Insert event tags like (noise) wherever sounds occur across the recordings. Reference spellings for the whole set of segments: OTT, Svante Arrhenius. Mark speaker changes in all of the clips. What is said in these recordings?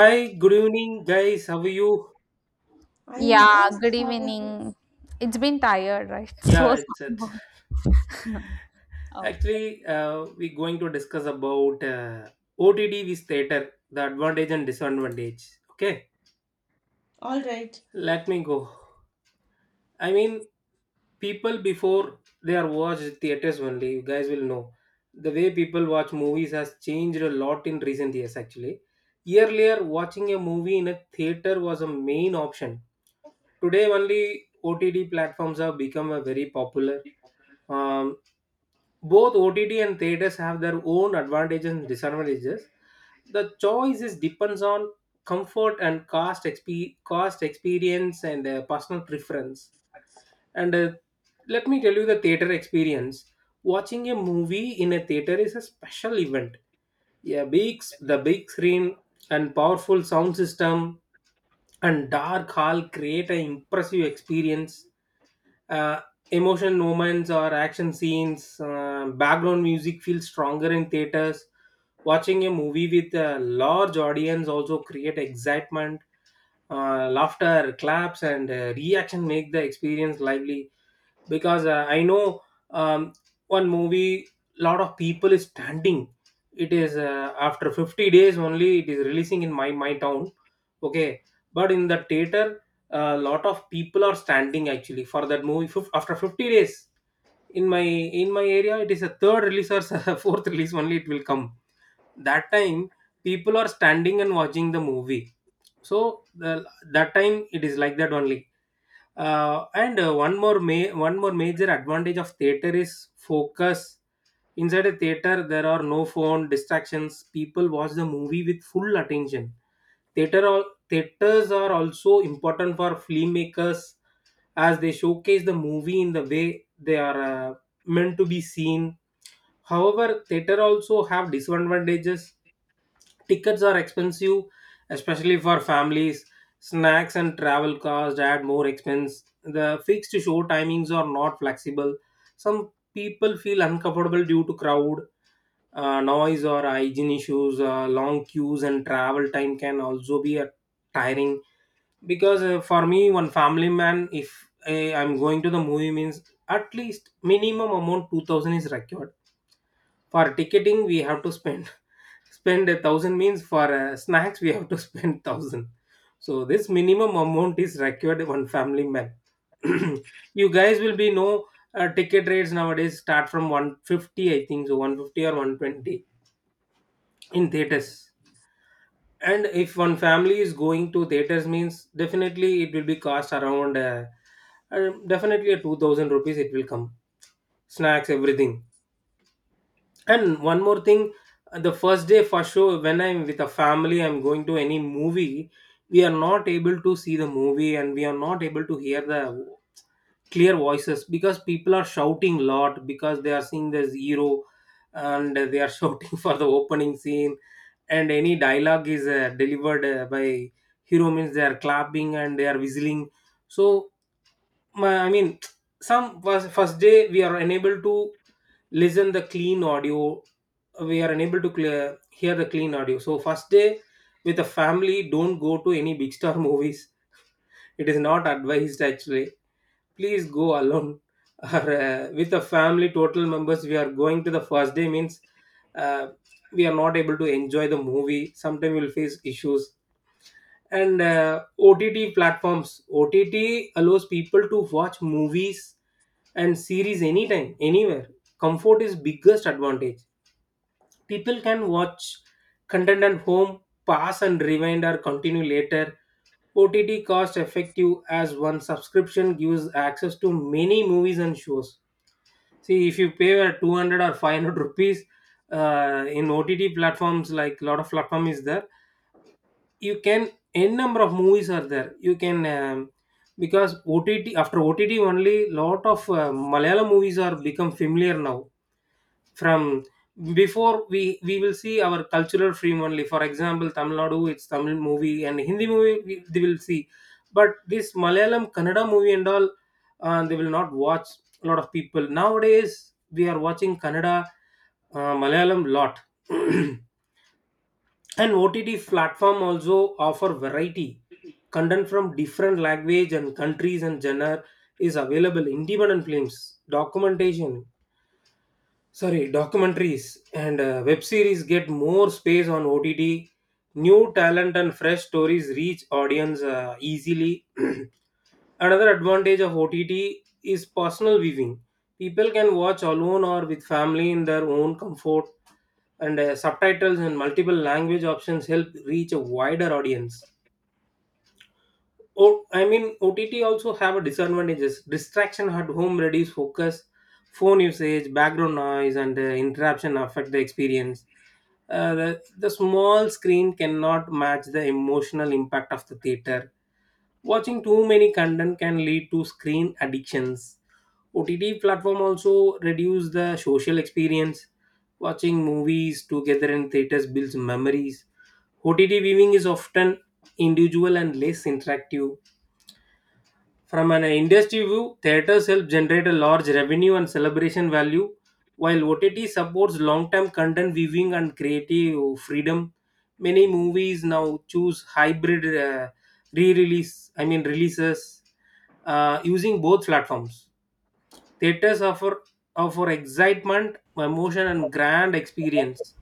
Speaker 1: Hi, good evening, guys. How are you?
Speaker 2: I am
Speaker 3: Yeah,
Speaker 2: good.
Speaker 3: good
Speaker 2: How are you?
Speaker 3: evening. It's been tired, right? (laughs)
Speaker 1: Yeah,
Speaker 3: So,
Speaker 1: it's it.
Speaker 3: somewhat. Okay.
Speaker 1: Actually, we're going to discuss about OTD with theater, the advantage and disadvantage. Okay,
Speaker 2: All right.
Speaker 1: let me go. I mean, people before they are watched theaters only. You guys will know the way people watch movies has changed a lot in recent years. Actually, earlier watching a movie in a theater was a main option. Today, only OTD platforms have become a very popular. Um, Both OTT and theaters have their own advantages and disadvantages. The choice is depends on comfort and cost, cost experience and personal preference. And Let me tell you the theater experience. Watching a movie in a theater is a special event. Yeah, the big screen and powerful sound system and dark hall create an impressive experience, uh, emotion moments or action scenes, background music feels stronger in theaters. Watching a movie with a large audience also create excitement. Laughter, claps, and reaction make the experience lively, because I know, um, one movie, lot of people is standing. It is after 50 days only it is releasing in my town. Okay, but in the theater a lot of people are standing actually for that movie. After 50 days in my, in my area, it is a third release or (laughs) fourth release only it will come. That time people are standing and watching the movie. So that time it is like that only. And one more ma- One more major advantage of theater is focus. Inside a theater there are no phone distractions, people watch the movie with full attention. Theaters are also important for filmmakers, as they showcase the movie in the way they are meant to be seen. However, theater also have disadvantages. Tickets are expensive, especially for families. Snacks and travel costs add more expense. The fixed show timings are not flexible. Some people feel uncomfortable due to crowd, noise, or hygiene issues. Long queues and travel time can also be tiring, because for me one family man, if I'm going to the movie means at least minimum amount 2000 is required for ticketing, we have to spend, (laughs) spend a thousand means, for snacks we have to (laughs) spend thousand. So this minimum amount is required one family man. (clears throat) you guys will be know, ticket rates nowadays start from 150, I think so, 150 or 120 in theaters. And if one family is going to theaters means definitely it will be cost around uh, definitely a 2000 rupees it will come, snacks everything. And one more thing, the first day for sure, when I'm with a family, I'm going to any movie, we are not able to see the movie and we are not able to hear the clear voices because people are shouting a lot, because they are seeing the hero and they are (laughs) shouting for the opening scene, and any dialogue is delivered by hero means they are clapping and they are whistling. So my, I mean, (tsk) some was first day we are unable to listen the clean audio. We are unable to clear, hear the clean audio. So first day with a family, don't go to any big star movies. It is not advised actually. Please go alone (laughs) or with a family. Total members, we are going to the first day means uh, we are not able to enjoy the movie. Sometimes we will face issues. And OTT platforms. OTT allows people to watch movies and series anytime, anywhere. Comfort is biggest advantage. People can watch content at home, pass and rewind or continue later. OTT cost effective as one subscription gives access to many movies and shows. See, if you pay 200 or 500 rupees in OTT platforms, like lot of platform is there, you can n number of movies are there, you can because ott, after ott only, lot of malayalam movies are become familiar now. From before, we will see our cultural film only. For example, tamil nadu, it's tamil movie and hindi movie they will see. But this malayalam, kannada movie and all, they will not watch. A lot of people nowadays we are watching kannada, malayalam lot. (clears throat) and OTT platform also offer variety. Content from different language and countries and genre is available. Independent films, documentation, sorry, documentaries and web series get more space on OTT. New talent and fresh stories reach audience easily. (clears throat) Another advantage of OTT is personal viewing. People can watch alone or with family in their own comfort, and subtitles and multiple language options help reach a wider audience. OTT also have a disadvantages. Distraction at home reduce focus, phone usage, background noise, and interruption affect the experience. The small screen cannot match the emotional impact of the theater. Watching too many content can lead to screen addictions. OTT platform also reduce the social experience. Watching movies together in theaters builds memories. OTT viewing is often individual and less interactive. From an industry view, theaters help generate a large revenue and celebration value, while OTT supports long term content viewing and creative freedom. Many movies now choose hybrid re release, I mean, releases using both platforms. Theaters offer excitement, emotion, and grand experience.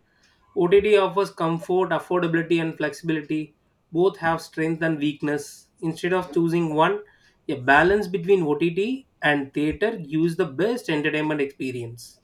Speaker 1: OTT offers comfort, affordability, and flexibility. Both have strength and weakness. Instead of choosing one, a balance between OTT and theater gives the best entertainment experience.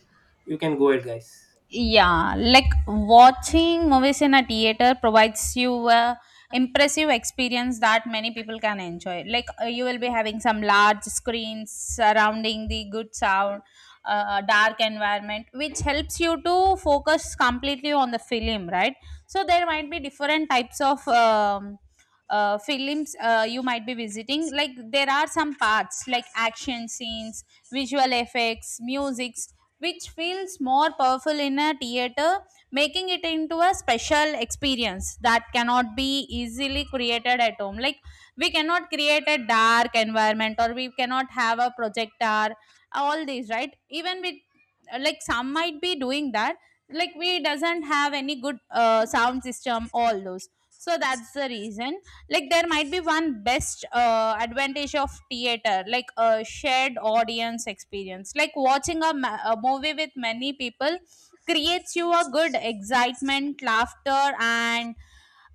Speaker 1: You can go ahead, guys.
Speaker 3: Yeah, like watching movies in a theater provides you a impressive experience that many people can enjoy, like you will be having some large screens surrounding the good sound, dark environment which helps you to focus completely on the film, right? So there might be different types of films you might be visiting, like there are some parts like action scenes, visual effects, music which feels more powerful in a theater, making it into a special experience that cannot be easily created at home. Like we cannot create a dark environment or we cannot have a projector, all these, right? Even with, like some might be doing that, like we doesn't have any good sound system, all those. So that's the reason, like there might be one best advantage of theater, like a shared audience experience, like watching a movie with many people creates you a good excitement, laughter, and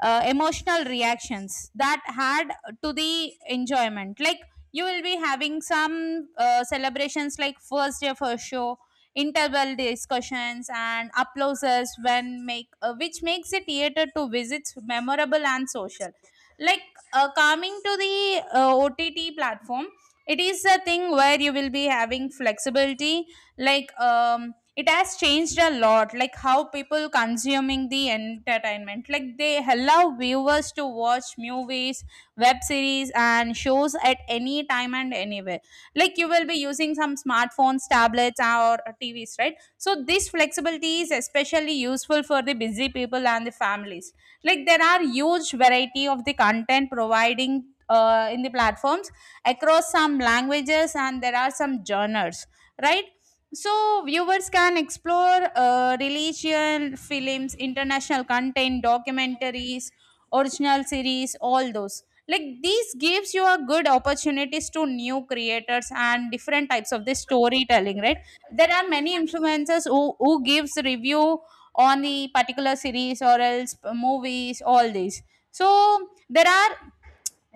Speaker 3: emotional reactions that add to the enjoyment, like you will be having some celebrations like first day for show, interval discussions, and applauses when make which makes a theater to visits memorable and social, like coming to the OTT platform. It is a thing where you will be having flexibility, like um, it has changed a lot, like how people consuming the entertainment, like they allow viewers to watch movies, web series, and shows at any time and anywhere, like you will be using some smartphones, tablets, or TVs, right? So this flexibility is especially useful for the busy people and the families. Like there are huge variety of the content providing in the platforms across some languages and there are some genres, right? So viewers can explore religion films, international content, documentaries, original series, all those. Like these gives you a good opportunities to new creators and different types of the storytelling, right? There are many influencers who gives review on the particular series or else movies, all these. So there are,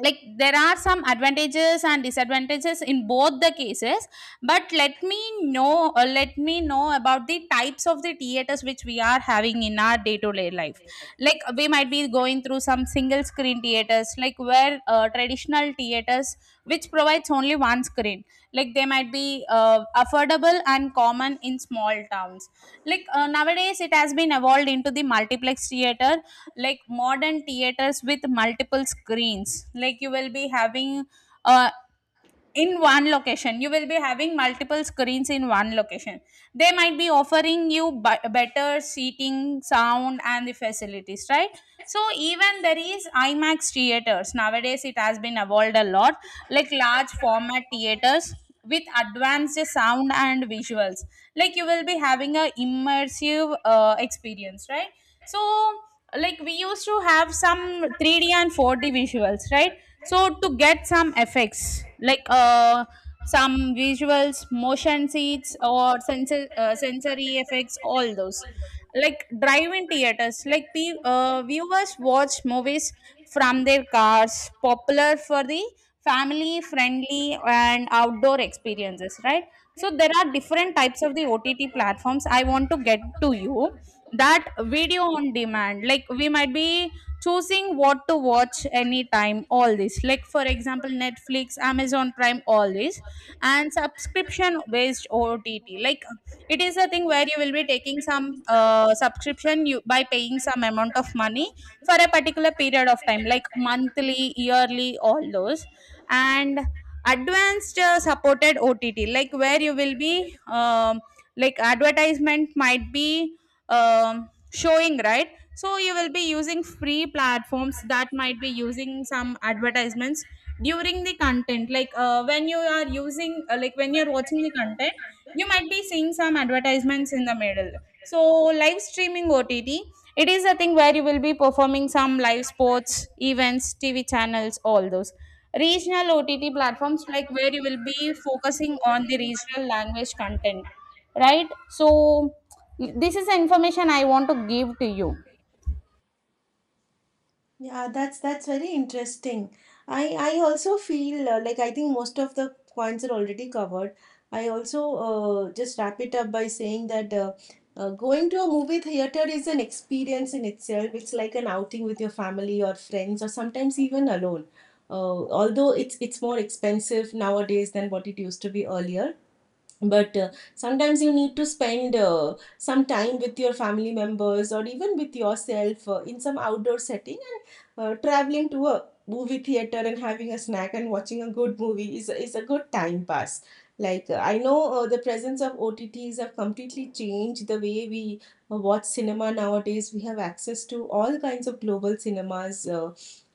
Speaker 3: like there are some advantages and disadvantages in both the cases, but let me know, let me know about the types of the theaters which we are having in our day to day life. Like we might be going through some single screen theaters, like where traditional theaters which provides only one screen, like they might be affordable and common in small towns. Like nowadays it has been evolved into the multiplex theater, like modern theaters with multiple screens, like you will be having uh, in one location, you will be having multiple screens in one location. They might be offering you better seating, sound, and the facilities, right? So even there is IMAX theaters nowadays, it has been evolved a lot, like large format theaters with advanced sound and visuals, like you will be having a immersive experience, right? So like we used to have some 3d and 4d visuals, right? So to get some effects like some visuals, motion seats, or sensory effects, all those. Like drive-in theaters, like viewers watch movies from their cars, popular for the family friendly and outdoor experiences, right? So there are different types of the OTT platforms I want to get to you. That video on demand, like we might be choosing what to watch anytime, all this, like for example, Netflix, Amazon Prime, all this. And subscription based OTT, like it is a thing where you will be taking some subscription, you by paying some amount of money for a particular period of time like monthly, yearly, all those. And advanced supported OTT, like where you will be um, like advertisement might be um, showing, right? So you will be using free platforms that might be using some advertisements during the content, like when you are using like when you're watching the content, you might be seeing some advertisements in the middle. So live streaming OTT, it is a thing where you will be performing some live sports events, TV channels, all those. Regional OTT platforms, like where you will be focusing on the regional language content, right? So this is the information I want to give to you.
Speaker 2: Yeah, that's very interesting. I also feel like I think most of the points are already covered. I also just wrap it up by saying that going to a movie theater is an experience in itself. It's like an outing with your family or friends or sometimes even alone. Although it's more expensive nowadays than what it used to be earlier, but sometimes you need to spend some time with your family members or even with yourself in some outdoor setting, and traveling to a movie theater and having a snack and watching a good movie is a good time pass. Like I know, the presence of OTTs have completely changed the way we watch cinema nowadays. We have access to all kinds of global cinemas, uh,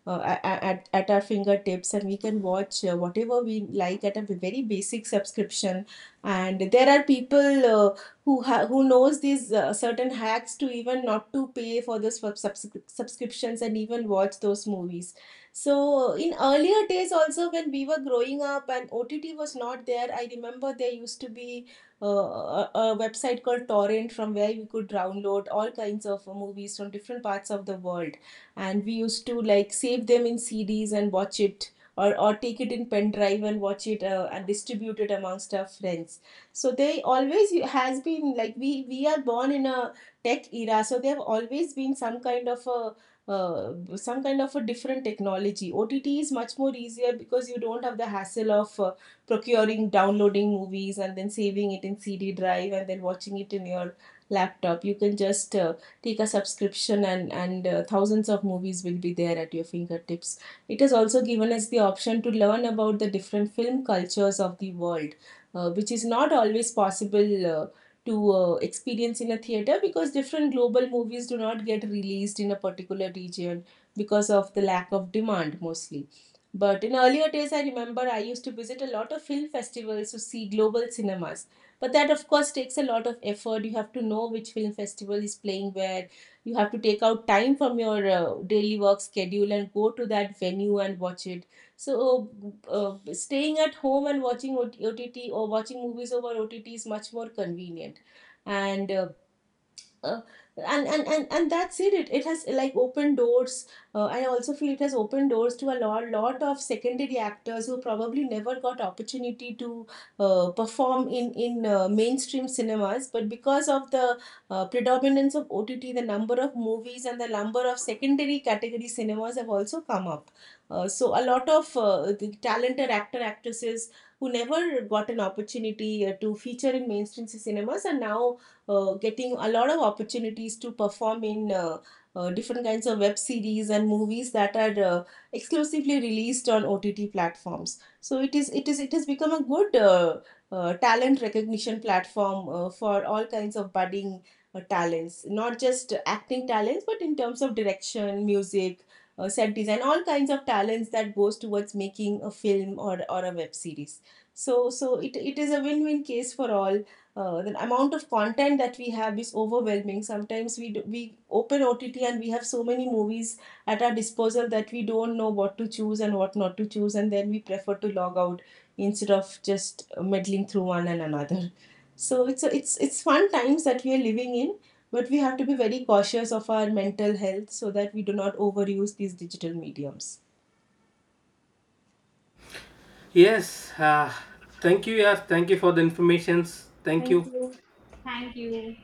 Speaker 2: uh, a- a- at, at our fingertips, and we can watch whatever we like at a very basic subscription. And there are people who knows these certain hacks to even not to pay for the subscriptions and even watch those movies. So in earlier days also, when we were growing up and OTT was not there, I remember there used to be uh, a website called Torrent, from where you could download all kinds of movies from different parts of the world. And we used to like save them in CDs and watch it, or take it in pen drive and watch it, and distribute it amongst our friends. So they always has been like, we are born in a tech era, so they have always been some kind of a different technology. OTT is much more easier because you don't have the hassle of procuring, downloading movies and then saving it in CD drive and then watching it in your laptop. You can just take a subscription and thousands of movies will be there at your fingertips. It has also given us the option to learn about the different film cultures of the world, which is not always possible to experience in a theater, because different global movies do not get released in a particular region because of the lack of demand mostly. But in earlier days, I remember I used to visit a lot of film festivals to see global cinemas. But that, of course, takes a lot of effort. You have to know which film festival is playing where. You have to take out time from your daily work schedule and go to that venue and watch it. So, staying at home and watching OTT, or watching movies over OTT, is much more convenient. And uh, that's it. it. It has like opened doors. I also feel it has opened doors to a lot of secondary actors who probably never got opportunity to perform in mainstream cinemas, but because of the predominance of OTT, the number of movies and the number of secondary category cinemas have also come up. So a lot of the talented actor actresses who never got an opportunity to feature in mainstream cinemas are now getting a lot of opportunities to perform in different kinds of web series and movies that are exclusively released on OTT platforms. So it is, it has become a good talent recognition platform for all kinds of budding talents, not just acting talents, but in terms of direction, music, set design, all kinds of talents that goes towards making a film or a web series. So it is a win-win case for all. The amount of content that we have is overwhelming. Sometimes we open OTT and we have so many movies at our disposal that we don't know what to choose and what not to choose, and then we prefer to log out instead of just meddling through one and another. So it's a, it's it's fun times that we are living in, but we have to be very cautious of our mental health so that we do not overuse these digital mediums.
Speaker 1: Yes, thank you. Yes, thank you for the informations. Thank you.
Speaker 3: Thank you.